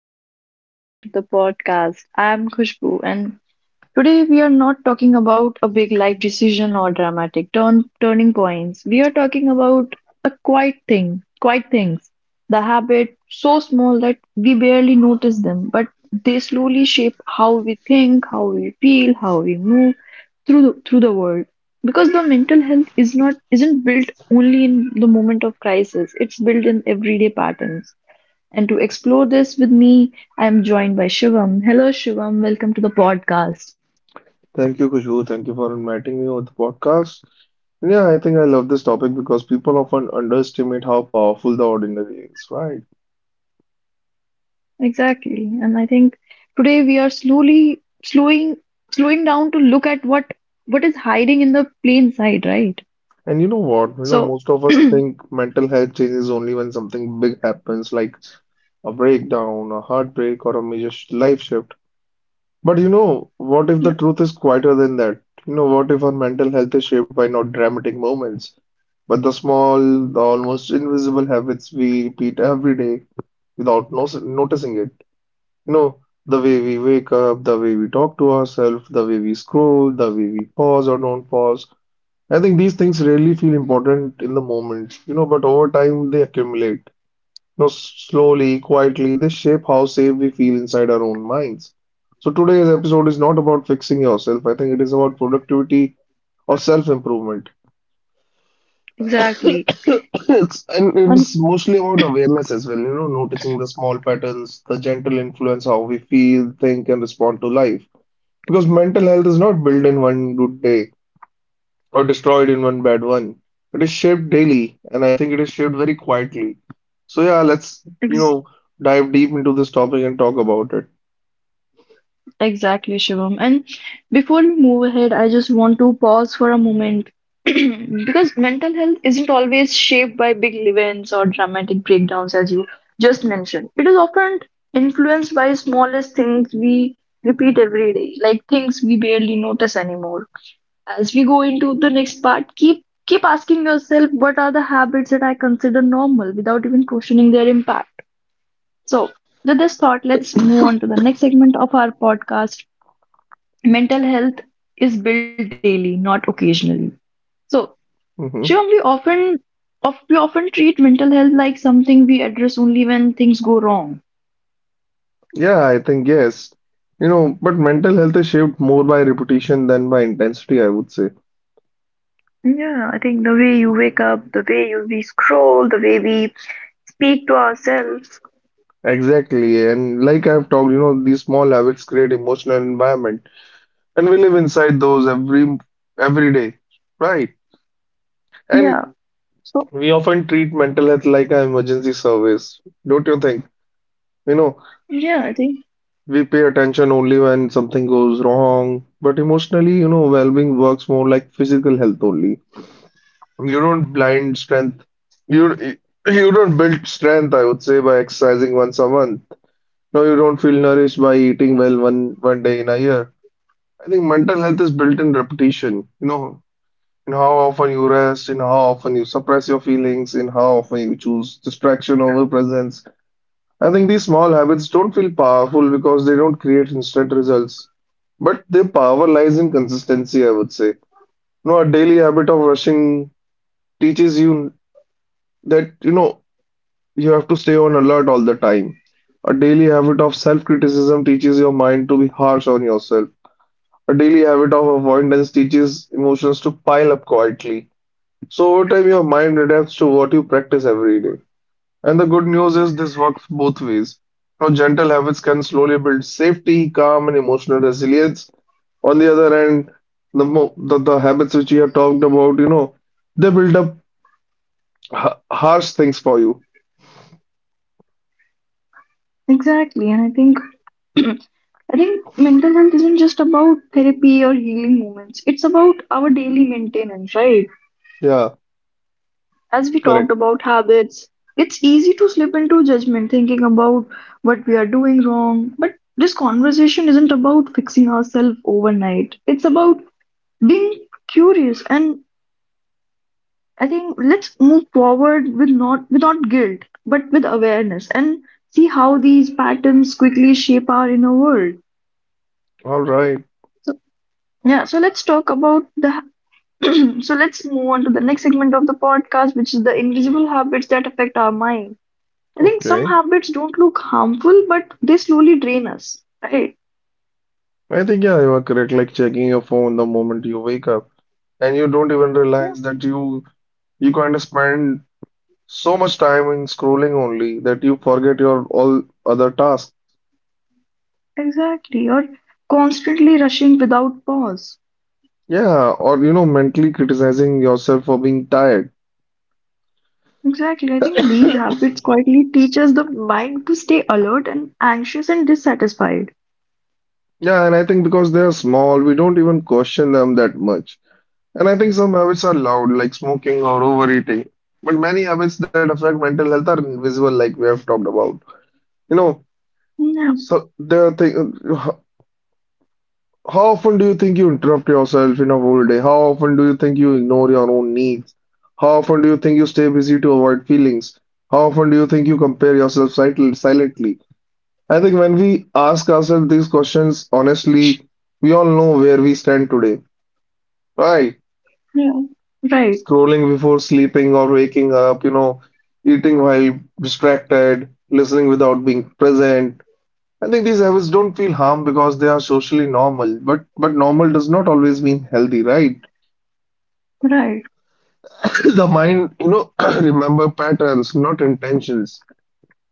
everyone and welcome back to the podcast. I'm Khushbu and today we are not talking about a big life decision or dramatic turning points. We are talking about a quiet things. The habit so small that we barely notice them, but they slowly shape how we think, how we feel, how we move through through the world. Because the mental health is not isn't built only in the moment of crisis. It's built in everyday patterns and to explore this with me, I'm joined by Shivam. Hello, Shivam. Welcome to the podcast. Thank you, Kushbu. Thank you for inviting me on the podcast. And yeah, I think I love this topic because people often underestimate how powerful the ordinary is, right? Exactly. And I think today we are slowly slowing slowing down to look at what is hiding in the plain sight, right? And you know what? You know, So, most of us think mental health changes only when something big happens, like a breakdown, a heartbreak, or a major life shift. But you know, what if yeah, the truth is quieter than that? You know, what if our mental health is shaped by not dramatic moments, but the small, the almost invisible habits we repeat every day without no noticing it? You know, the way we wake up, the way we talk to ourselves, the way we scroll, the way we pause or don't pause. I think these things really feel important in the moment, you know, but over time they accumulate. You know, slowly, quietly, they shape how safe we feel inside our own minds. So today's episode is not about fixing yourself. I think it is about productivity or self-improvement. exactly. It's, and it And is mostly about awareness as well, you know, noticing the small patterns, the gentle influence, how we feel, think, and respond to life. Because mental health is not built in one good day or destroyed in one bad one. It is shaped daily, and I think it is shaped very quietly. So yeah, let's, you ex know, dive deep into this topic and talk about it. Exactly, Shivam. And before we move ahead, I just want to pause for a moment because mental health isn't always shaped by big events or dramatic breakdowns, as you just mentioned. It is often influenced by smallest things we repeat every day, like things we barely notice anymore. As we go into the next part, keep asking yourself what are the habits that I consider normal without even questioning their impact. So, with this thought, let's move on to the next segment of our podcast: mental health is built daily, not occasionally. So, Shivam, Hmm. We often treat mental health like something we address only when things go wrong. Yeah, I think yes. You know, but mental health is shaped more by repetition than by intensity, I would say. Yeah, I think the way you wake up, the way we scroll, the way we speak to ourselves. Exactly. And like I've talked, you know, these small habits create emotional environment, and we live inside those every day, right? And Yeah. So we often treat mental health like an emergency service, don't you think? You know, yeah, I think we pay attention only when something goes wrong, but emotionally, you know, well-being works more like physical health only. You don't blind strength. You you don't build strength, I would say, by exercising once a month. No, you don't feel nourished by eating well one day in a year. I think mental health is built in repetition, you know, in how often you rest, in how often you suppress your feelings, in how often you choose distraction over presence. I think these small habits don't feel powerful because they don't create instant results, but their power lies in consistency, I would say. You know, a daily habit of rushing teaches you that, you know, you have to stay on alert all the time. A daily habit of self-criticism teaches your mind to be harsh on yourself. A daily habit of avoidance teaches emotions to pile up quietly. So over time, your mind adapts to what you practice every day. And the good news is this works both ways. Now, gentle habits can slowly build safety, calm, and emotional resilience. On the other hand, the habits which you have talked about, you know, they build up ha harsh things for you. exactly, and I think mental health isn't just about therapy or healing moments. It's about our daily maintenance, right? Yeah, As we talked correct. about habits, it's easy to slip into judgment thinking about what we are doing wrong. But this conversation isn't about fixing ourselves overnight, it's about being curious. And I think let's move forward with not guilt, but with awareness and see how these patterns quickly shape our inner world. All right. So, yeah, so let's talk about the. so let's move on to the next segment of the podcast, which is the invisible habits that affect our mind. I think some Okay. habits don't look harmful, but they slowly drain us, right? I think, yeah, you are correct. Like, checking your phone the moment you wake up, and you don't even Yeah. realize that you... You kind of spend so much time in scrolling only that you forget your all other tasks. Exactly. Or constantly rushing without pause. Yeah, or you know, mentally criticizing yourself for being tired. Exactly. I think these habits quietly teach us the mind to stay alert and anxious and dissatisfied. Yeah, and I think because they are small, we don't even question them that much. And I think some habits are loud, like smoking or overeating. But many habits that affect mental health are invisible, like we have talked about. You know, Yeah, so there are things. How often do you think you interrupt yourself in a whole day? How often do you think you ignore your own needs? How often do you think you stay busy to avoid feelings? How often do you think you compare yourself silently? I think when we ask ourselves these questions honestly, we all know where we stand today, right? yeah. Right, Scrolling before sleeping or waking up, you know, eating while distracted, listening without being present. I think these habits don't feel harm because they are socially normal, but normal does not always mean healthy, right? right. The mind, you know, remember patterns, not intentions.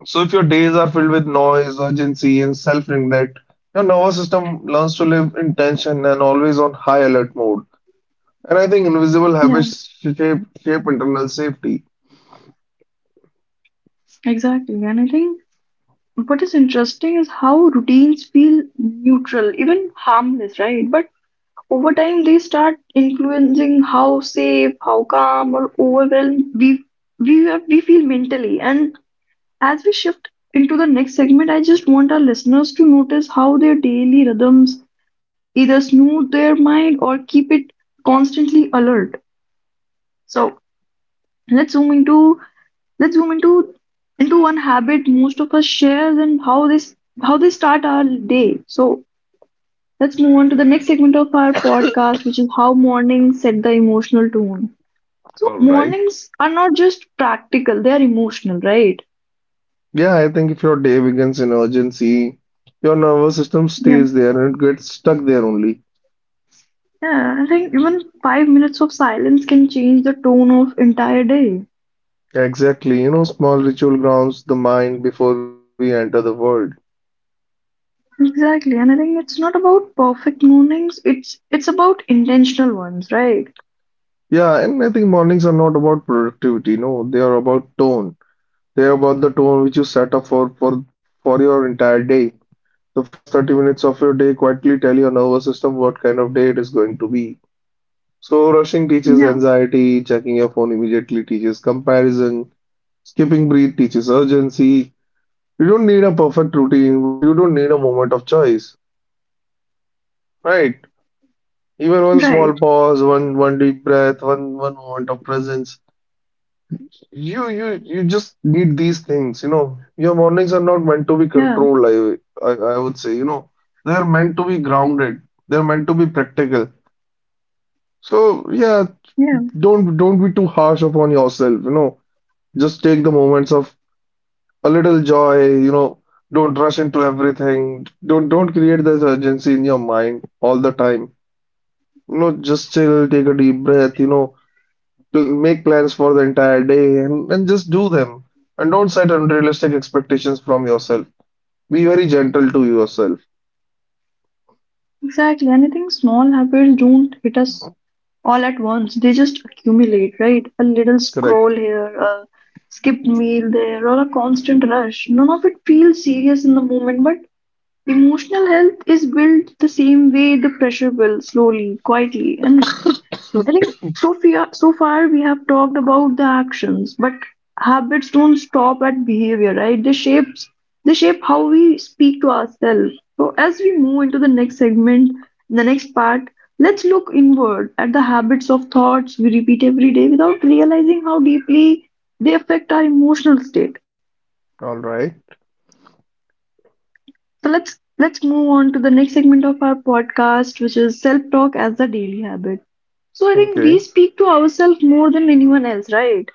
So if your days are filled with noise, urgency, and self-neglect, your nervous system learns to live in tension, and always on high alert mode. And I think invisible Yeah, habits shape internal safety. exactly. And I think what is interesting is how routines feel neutral, even harmless, right? But over time, they start influencing how safe, how calm, or overwhelmed we feel mentally. And as we shift into the next segment, I just want our listeners to notice how their daily rhythms either smooth their mind or keep it constantly alert. So let's zoom into let's zoom into one habit most of us shares and how this how they start our day. So let's move on to the next segment of our podcast, which is how mornings set the emotional tone. So, All right. mornings are not just practical, they are emotional, right? Yeah, I think if your day begins in urgency, your nervous system Yeah. stays there, and it gets stuck there only. Yeah, I think even 5 minutes of silence can change the tone of entire day. Exactly. You know, small ritual grounds the mind before we enter the world. Exactly, and I think it's not about perfect mornings, it's about intentional ones, right? Yeah, and I think mornings are not about productivity. No, they are about tone. They are about the tone which you set up for your entire day. The first 30 minutes of your day quietly tell your nervous system what kind of day it is going to be. So rushing Yeah, teaches anxiety, checking your phone immediately teaches comparison, skipping breath teaches urgency. You don't need a perfect routine, but you don't need a moment of choice, right? Even one right. small pause, one deep breath, one moment of presence. You just need these things, you know. Your mornings are not meant to be Yeah, controlled, I would say, you know. They're meant to be grounded. They're meant to be practical. So yeah, yeah. don't be too harsh upon yourself, you know. Just take the moments of a little joy, you know. Don't rush into everything. Don't create this urgency in your mind all the time. You know, just chill, take a deep breath, you know, to make plans for the entire day, and just do them. And don't set unrealistic expectations from yourself. Be very gentle to yourself. Exactly. And I think small habits don't hit us all at once. They just accumulate, right? A little Correct. scroll here, a skipped meal there, or a constant rush. None of it feels serious in the moment, but emotional health is built the same way the pressure will, slowly, quietly. And I think so far we have talked about the actions, but habits don't stop at behavior, right? They shape how we speak to ourselves. So as we move into the next segment, the next part, let's look inward at the habits of thoughts we repeat every day without realizing how deeply they affect our emotional state. All right. So let's move on to the next segment of our podcast, which is self-talk as a daily habit. So I think we Okay. speak to ourselves more than anyone else, right?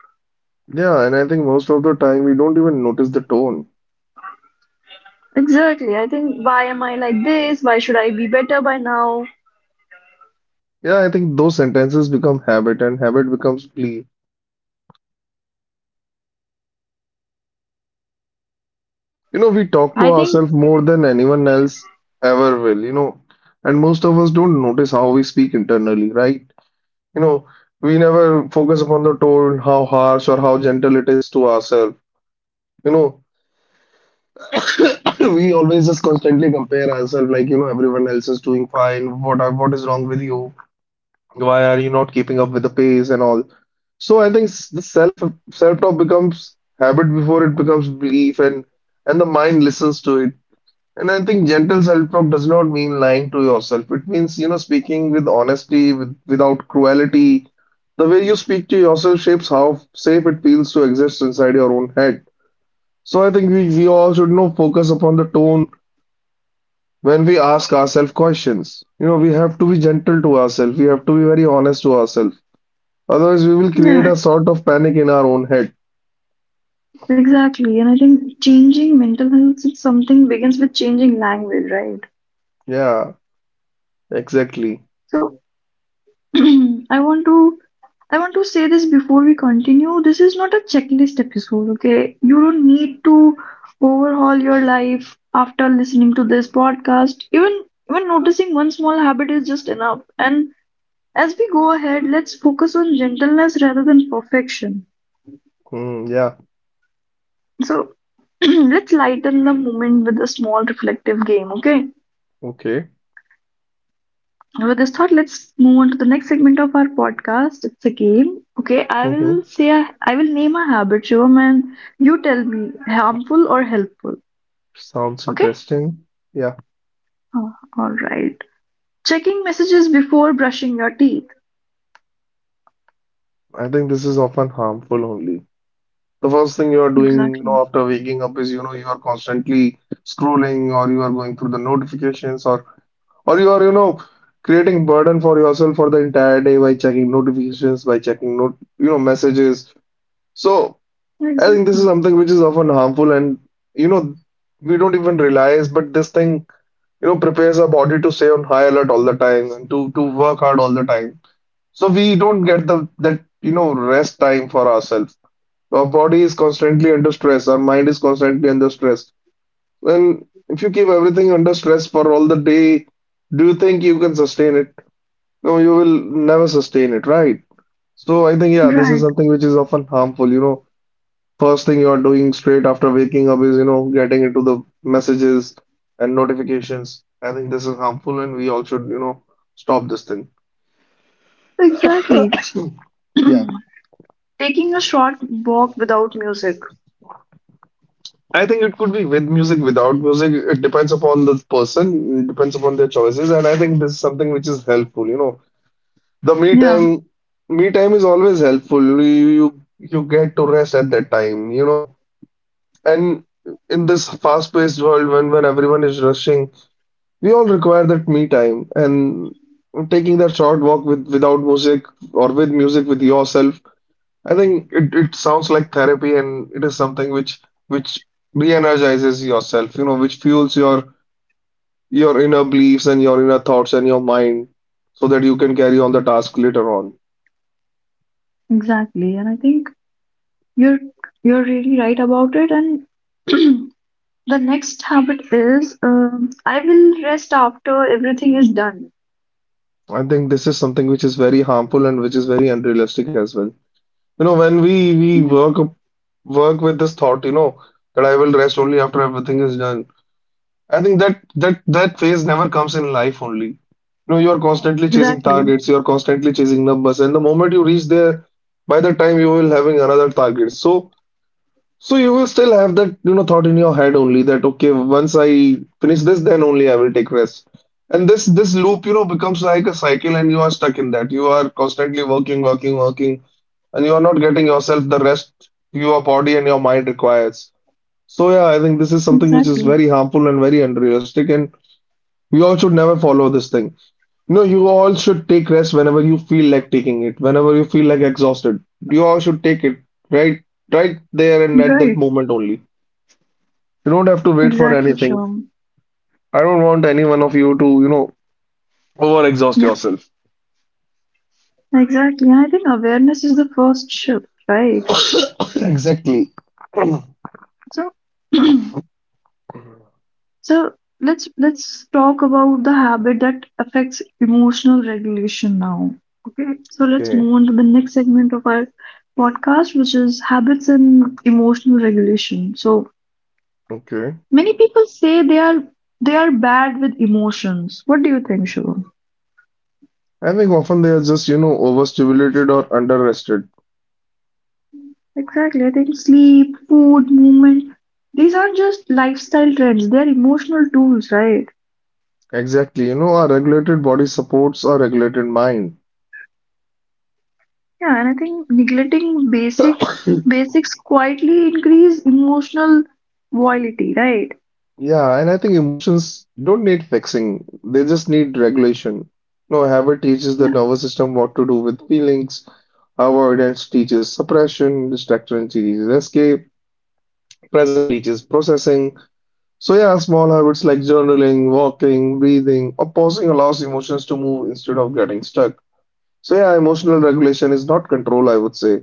Yeah, and I think most of the time we don't even notice the tone. Exactly. I think, why am I like this? Why should I be better by now? Yeah, I think those sentences become habit, and habit becomes plea. You know, we talk I to think, ourselves more than anyone else ever will, you know, and most of us don't notice how we speak internally, right? You know, we never focus upon the tone, how harsh or how gentle it is to ourselves. You know, we always just constantly compare ourselves, like, you know, everyone else is doing fine. What is wrong with you? Why are you not keeping up with the pace and all? So I think the self talk becomes habit before it becomes belief. And the mind listens to it. And I think gentle self talk does not mean lying to yourself. It means, you know, speaking with honesty, without cruelty. The way you speak to yourself shapes how safe it feels to exist inside your own head. So I think we all should, you know, focus upon the tone when we ask ourselves questions. You know, we have to be gentle to ourselves. We have to be very honest to ourselves. Otherwise, we will create yeah, a sort of panic in our own head. exactly. And I think changing mental health is something begins with changing language, right? Yeah, exactly. So I want to I want to say this before we continue. This is not a checklist episode, okay? You don't need to overhaul your life after listening to this podcast. Even noticing one small habit is just enough. And as we go ahead, let's focus on gentleness rather than perfection. Hmm. Yeah. So let's lighten the moment with a small reflective game, okay? Okay. With this thought, let's move on to the next segment of our podcast. It's a game, okay? Hmm I will name a habit, Shivam, and you tell me harmful or helpful, Sounds okay? interesting. Yeah. Oh, all right. Checking messages before brushing your teeth. I think this is often harmful only. The first thing you are doing, you know, Exactly. after waking up is, you know, you are constantly scrolling, or you are going through the notifications, or you are, you know, creating burden for yourself for the entire day by checking notifications, by checking not you know, messages. So I think this is Exactly. something which is often harmful, and you know, we don't even realize, but this thing, you know, prepares our body to stay on high alert all the time, and to work hard all the time. So we don't get the that, you know, rest time for ourselves. Our body is constantly under stress, our mind is constantly under stress. And if you keep everything under stress for all the day, do you think you can sustain it? No, you will never sustain it, right? So I think, yeah, this is Right. something which is often harmful. You know, first thing you are doing straight after waking up is, you know, getting into the messages and notifications. I think this is harmful, and we all should, you know, stop this thing. Exactly. Yeah. Taking a short walk without music. I think it could be with music, without music. It depends upon the person, it depends upon their choices. And I think this is something which is helpful. You know, the Yeah, me time is always helpful. You get to rest at that time, you know. And in this fast-paced world, when everyone is rushing, we all require that me time. And taking that short walk without music, or with music with yourself, I think it sounds like therapy, and it is something which re-energizes yourself. Which fuels your inner beliefs and your inner thoughts and your mind, so that you can carry on the task later on. exactly. And I think You're you're really right about it, and the next habit is I will rest after everything is done. I think this is something which is very harmful and which is very unrealistic as well. When we Yeah, work with this thought, that I will rest only after everything is done. I think that phase never comes in life only. You are constantly chasing exactly, targets, you are constantly chasing numbers, and the moment you reach there, by the time you will having another target. So you will still have that thought in your head only that okay, once I finish this, then only I will take rest. And this loop, becomes like a cycle and you are stuck in that. You are constantly working, working, working and you are not getting yourself the rest your body and your mind requires. So yeah, I think this is something which is exactly, very harmful and very unrealistic, and we all should never follow this thing. No, you all should take rest whenever you feel like taking it, whenever you feel like exhausted. You all should take it right right there and at that right, moment only. You don't have to wait for exactly, anything. sure. I don't want any one of you to over exhaust Yeah, yourself. exactly. And I think awareness is the first shift, right? Exactly. So. So let's talk about the habit that affects emotional regulation now. Okay, so let's Okay. move on to the next segment of our podcast, which is habits and emotional regulation. So Okay. many people say they are bad with emotions. What do you think, Shivam? I think often they are just overstimulated or underrested. Exactly. I think sleep, food, movement, these aren't just lifestyle trends, they are emotional tools, right? Exactly. Our regulated body supports our regulated mind. Yeah, and I think neglecting basics quietly increase emotional volatility, right? Yeah, and I think emotions don't need fixing. They just need regulation. Habit teaches the Yeah, nervous system what to do with feelings. Avoidance teaches suppression. Distraction teaches escape. Present teaches processing. So yeah, small habits like journaling, walking, breathing, or pausing allows emotions to move instead of getting stuck. So yeah, emotional regulation is not control, I would say.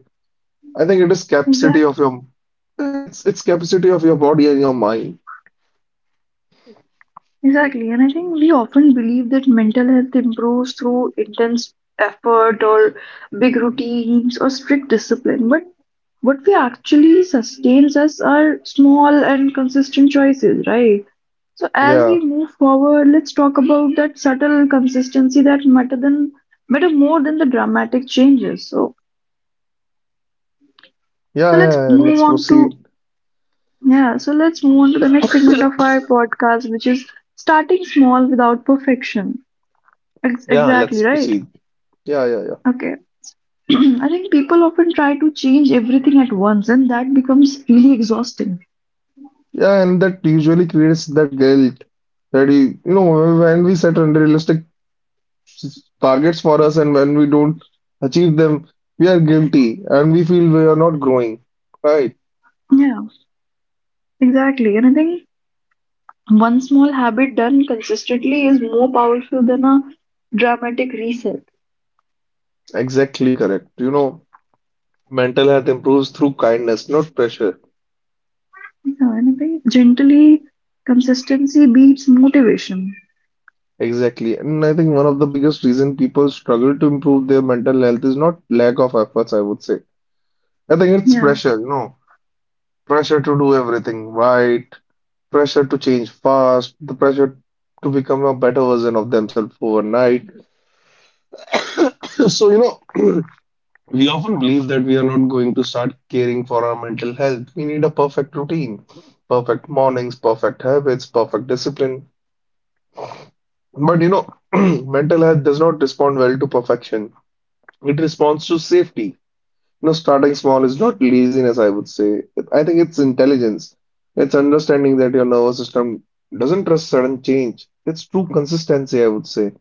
I think it is capacity of exactly. your eh, it's it's capacity of your body and your mind. Exactly. And I think we often believe that mental health improves through intense effort or big routines or strict discipline. But what we actually sustains us are small and consistent choices, right? So as Yeah. we move forward, let's talk about that subtle consistency that matter than matter more than the dramatic changes. So Yeah, yeah, So let's yeah. Yeah. move Let's on to proceed. yeah, so let's move on to the next segment of our podcast, which is starting small without perfection. Yeah, Exactly let's right. proceed. Yeah, yeah, yeah. Okay. I think people often try to change everything at once, and that becomes really exhausting. Yeah, and that usually creates that guilt that when we set unrealistic targets for us and when we don't achieve them, we are guilty and we feel we are not growing. Right. Yeah, exactly. And I think one small habit done consistently is more powerful than a dramatic reset. Exactly correct. Mental health improves through kindness, not pressure. Yeah, and I think gently consistency beats motivation. Exactly. And I think one of the biggest reason people struggle to improve their mental health is not lack of efforts, I would say. I think it's Yeah, pressure, pressure to do everything right, pressure to change fast, the pressure to become a better version of themselves overnight. So, we often believe that we are not going to start caring for our mental health. We need a perfect routine, perfect mornings, perfect habits, perfect discipline. But mental health does not respond well to perfection. It responds to safety. Starting small is not laziness, I would say. I think it's intelligence. It's understanding that your nervous system doesn't trust sudden change. It's true consistency, I would say.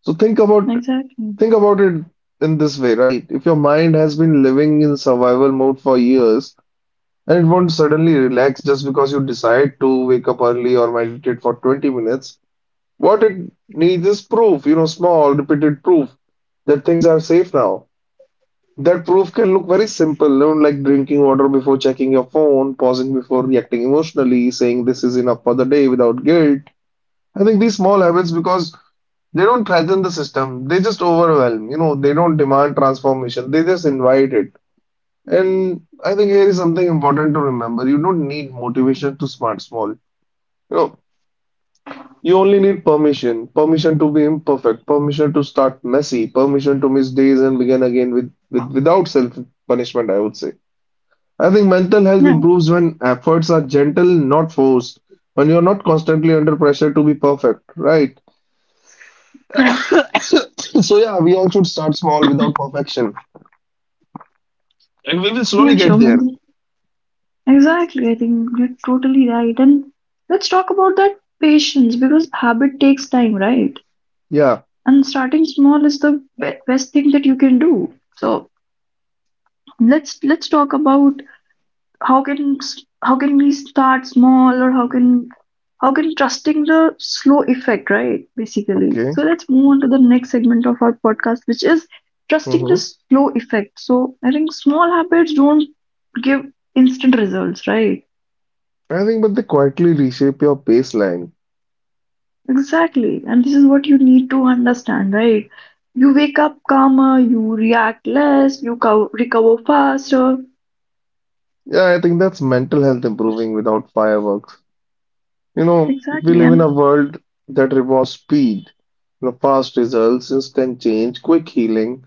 So think about exactly. think about it in this way, right? If your mind has been living in survival mode for years and it won't suddenly relax just because you decide to wake up early or meditate for 20 minutes, what it needs is proof, small, repeated proof that things are safe now. That proof can look very simple, like drinking water before checking your phone, pausing before reacting emotionally, saying this is enough for the day without guilt. I think these small habits, because they don't threaten the system, they just overwhelm, they don't demand transformation, they just invite it. And I think here is something important to remember. You don't need motivation to smart small. You know. You only need permission, permission to be imperfect, permission to start messy, permission to miss days and begin again without self punishment, I would say. I think mental health Yeah, improves when efforts are gentle, not forced, when you're not constantly under pressure to be perfect, right? yeah, So yeah, we all should start small without perfection, and we will slowly yeah, get sure. there. Exactly, I think you're totally right. And let's talk about that patience because habit takes time, right? Yeah. And starting small is the best thing that you can do. So let's talk about how can we start small or how can trusting the slow effect, right? Basically. Okay. So let's move on to the next segment of our podcast, which is trusting the Mm-hmm. slow effect. So I think small habits don't give instant results, right? I think, but they quietly reshape your baseline. Exactly. And this is what you need to understand, right? You wake up calmer, you react less, you co recover faster. Yeah, I think that's mental health improving without fireworks. You know, we Exactly. live in a And world that rewards speed, fast results, instant change, quick healing.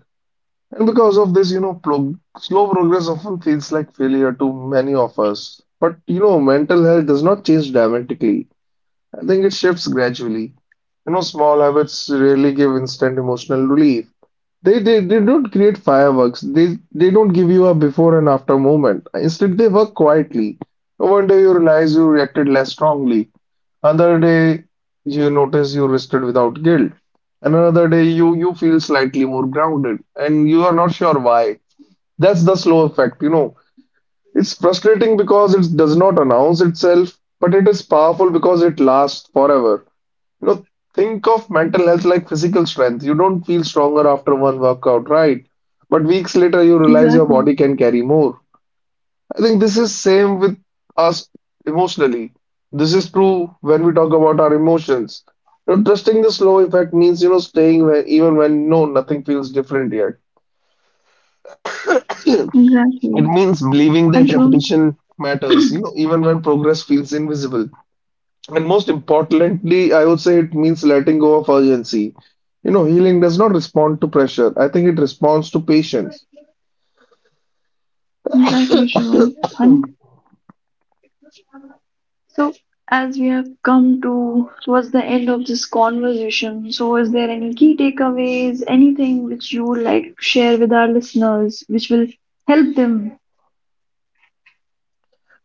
And because of this, you know, pro slow progress often feels like failure to many of us. But mental health does not change dramatically. I think it shifts gradually. Small habits rarely give instant emotional relief. They don't create fireworks. They don't give you a before and after moment. Instead, they work quietly. No wonder you realize you reacted less strongly. Another day you notice you are rested without guilt. And another day you feel slightly more grounded and you are not sure why. That's the slow effect. It's frustrating because it does not announce itself, but it is powerful because it lasts forever. You know, think of mental health like physical strength. You don't feel stronger after one workout, right? But weeks later you realize your exactly. body can carry more. I think this is same with us emotionally. This is true when we talk about our emotions. Trusting the slow effect means staying where even when nothing feels different yet. Exactly. It means believing And that Shivam, repetition matters. Even when progress feels invisible. And most importantly, I would say it means letting go of urgency. Healing does not respond to pressure. I think it responds to patience. exactly, Shivam. And so, as we have come to towards the end of this conversation, so is there any key takeaways, anything which you would like to share with our listeners, which will help them?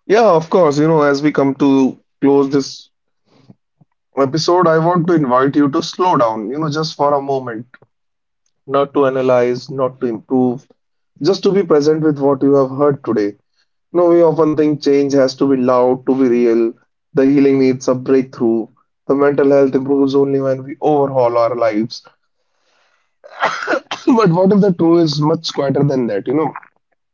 Yeah, of course. As we come to close this episode, I want to invite you to slow down, just for a moment, not to analyze, not to improve, just to be present with what you have heard today. We often think change has to be loud to be real. The healing needs a breakthrough. The mental health improves only when we overhaul our lives. But what if the truth is much quieter than that, you know?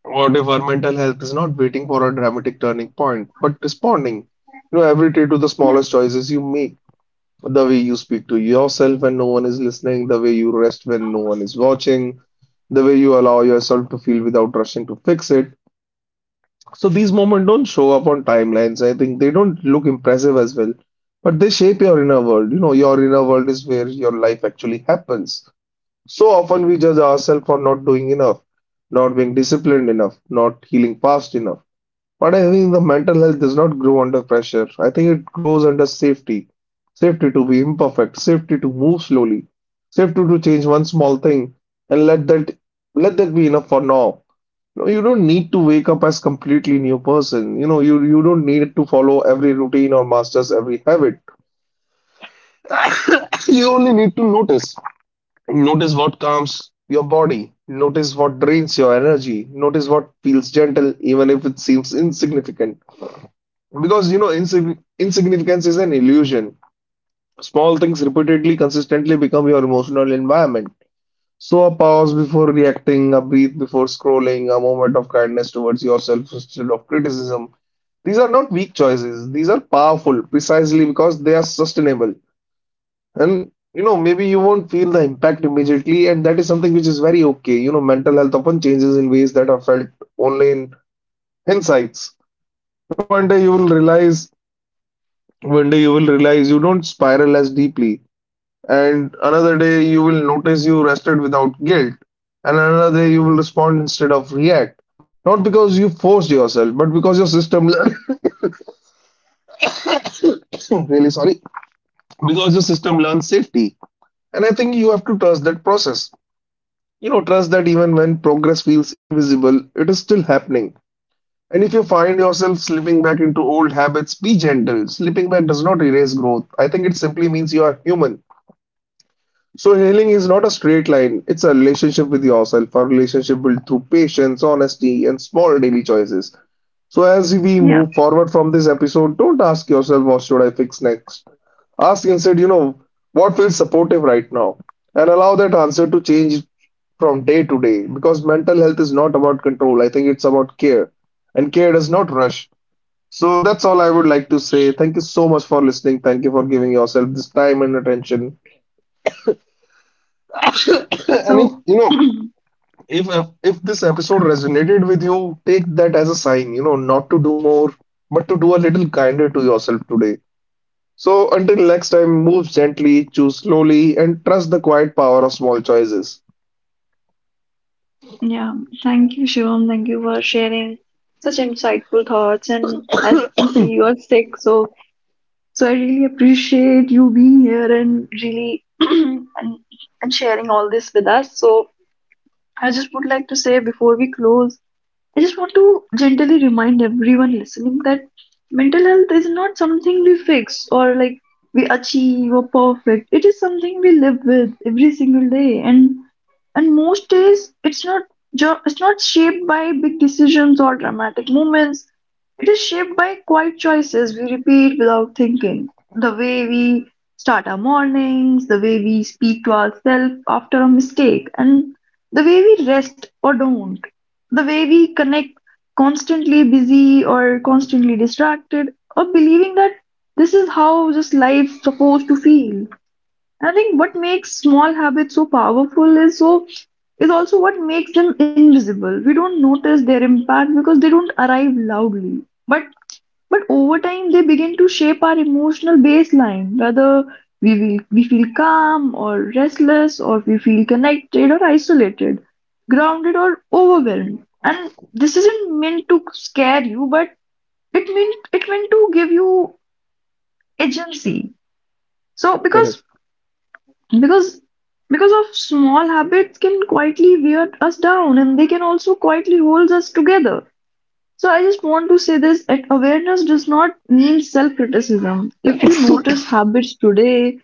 What if our mental health is not waiting for a dramatic turning point, but responding, every day to the Yeah. smallest choices you make? The way you speak to yourself when no one is listening, the way you rest when no one is watching, the way you allow yourself to feel without rushing to fix it. So these moments don't show up on timelines. I think they don't look impressive as well, but they shape your inner world. Your inner world is where your life actually happens. So often we judge ourselves for not doing enough, not being disciplined enough, not healing fast enough. But I think the mental health does not grow under pressure. I think it grows under safety. Safety to be imperfect, safety to move slowly, safety to change one small thing and let that be enough for now. You don't need to wake up as completely new person. You don't need to follow every routine or masters every habit. You only need to notice. Notice what calms your body. Notice what drains your energy. Notice what feels gentle, even if it seems insignificant. Because, you know, insig insignificance is an illusion. Small things repeatedly, consistently become your emotional environment. So, a pause before reacting, a breath before scrolling, a moment of kindness towards yourself instead of criticism. These are not weak choices. These are powerful precisely because they are sustainable. And maybe you won't feel the impact immediately, and that is something which is very okay. Mental health often changes in ways that are felt only in insights. So, one day you will realize. One day you will realize you don't spiral as deeply, and another day you will notice you rested without guilt, and another day you will respond instead of react. Not because you forced yourself, but because your system learned, really sorry, because your system learns safety. And I think you have to trust that process. Trust that even when progress feels invisible, it is still happening. And if you find yourself slipping back into old habits, be gentle. Slipping back does not erase growth. I think it simply means you are human. So healing is not a straight line. It's a relationship with yourself, a relationship built through patience, honesty, and small daily choices. So as we Yeah. move forward from this episode, don't ask yourself what should I fix next. Ask instead, what feels supportive right now, and allow that answer to change from day to day. Because mental health is not about control. I think it's about care, and care does not rush. So that's all I would like to say. Thank you so much for listening. Thank you for giving yourself this time and attention. and if, So, you know if this episode resonated with you, take that as a sign, not to do more, but to do a little kinder to yourself today. So until next time, move gently, choose slowly, and trust the quiet power of small choices. Yeah, thank you, Shivam. Thank you for sharing such insightful thoughts. And as you can see, you are sick, so I really appreciate you being here and really and sharing all this with us. So I just would like to say before we close I just want to gently remind everyone listening that mental health is not something we fix or like we achieve or perfect. It is something we live with every single day, and most days it's not it's not shaped by big decisions or dramatic moments. It is shaped by quiet choices we repeat without thinking. The way we start our mornings, the way we speak to ourselves after a mistake, and the way we rest or don't. The way we connect constantly busy or constantly distracted or believing that this is how just life's supposed to feel. I think what makes small habits so powerful is is also what makes them invisible. We don't notice their impact because they don't arrive loudly. But but over time, they begin to shape our emotional baseline, whether we feel calm or restless, or we feel connected or isolated, grounded or overwhelmed. And this isn't meant to scare you, but it meant to give you agency. So Correct. Because because of small habits can quietly wear us down, and they can also quietly hold us together. So I just want to say this that awareness does not mean self criticism. If you notice habits today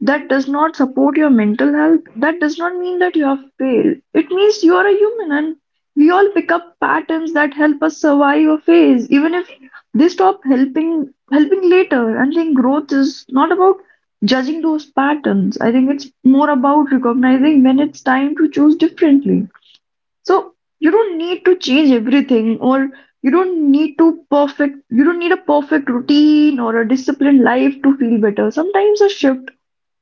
that does not support your mental health, that does not mean that you have failed. It means you are a human and we all pick up patterns that help us survive a phase, even if they stop helping later. And I think growth is not about judging those patterns. I think it's more about recognizing when it's time to choose differently. So you don't need to change everything, or you don't need to perfect, you don't need a perfect routine or a disciplined life to feel better. Sometimes a shift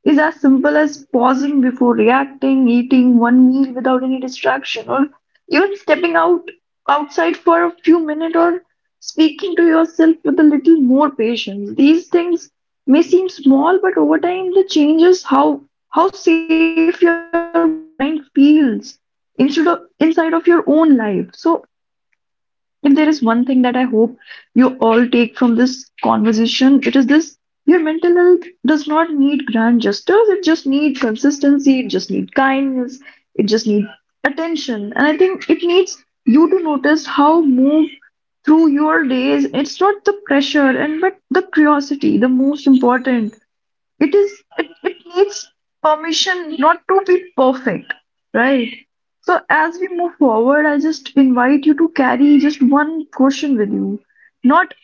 is as simple as pausing before reacting, eating one meal without any distraction, or even stepping out outside for a few minutes or speaking to yourself with a little more patience. These things may seem small, but over time they changes how safe your mind feels instead of inside of your own life. So if there is one thing that I hope you all take from this conversation, it is this: your mental health does not need grand gestures, it just needs consistency, it just needs kindness, it just needs attention. And I think it needs you to notice how move through your days. It's not the pressure and but the curiosity, the most important. It is it, it needs permission not to be perfect, right? So as we move forward, I just invite you to carry just one question with you. Not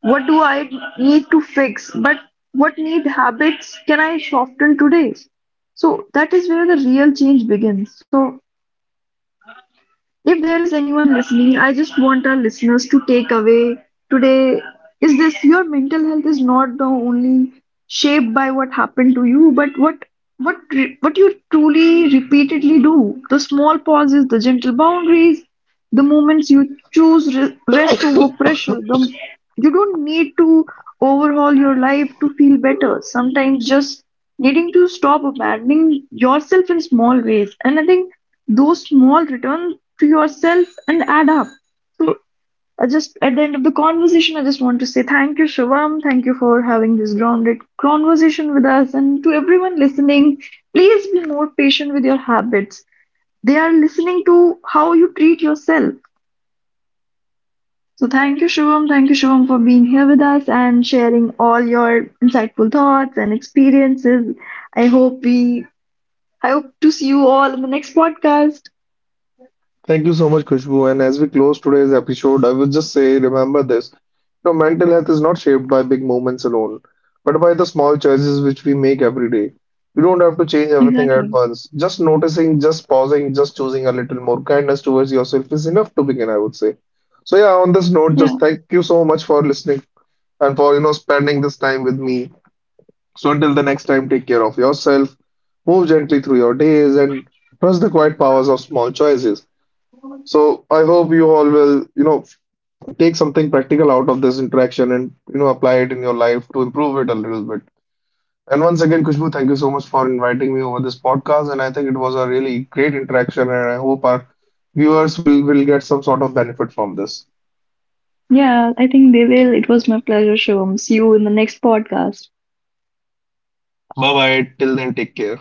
what do I need to fix, but what need habits can I soften today? So that is where the real change begins. So if there is anyone listening, I just want our listeners to take away today is this: your mental health is not the only shaped by what happened to you, but what what you truly repeatedly do. The small pauses, the gentle boundaries, the moments you choose rest over pressure. You don't need to overhaul your life to feel better. Sometimes just needing to stop abandoning yourself in small ways. And I think those small return to yourself and add up. So I just at the end of the conversation, I just want to say thank you, Shivam. Thank you for having this grounded conversation with us. And to everyone listening, please be more patient with your habits. They are listening to how you treat yourself. So thank you, Shivam. Thank you, Shivam, for being here with us and sharing all your insightful thoughts and experiences. I hope we I hope to see you all in the next podcast. Thank you so much, Khushbu. And as we close today's episode, I would just say remember this. Mental health is not shaped by big moments alone, but by the small choices which we make every day. You don't have to change everything at Exactly. once. Just noticing, just pausing, just choosing a little more kindness towards yourself is enough to begin, I would say. So yeah, on this note, Yeah. just thank you so much for listening and for spending this time with me. So until the next time, take care of yourself, move gently through your days, and trust the quiet powers of small choices. So I hope you all will take something practical out of this interaction and apply it in your life to improve it a little bit. And once again, Kushbu, thank you so much for inviting me over this podcast. And I think it was a really great interaction, and I hope our viewers will get some sort of benefit from this. Yeah, I think they will. It was my pleasure, Shivam. See you in the next podcast. Bye bye. Till then, take care.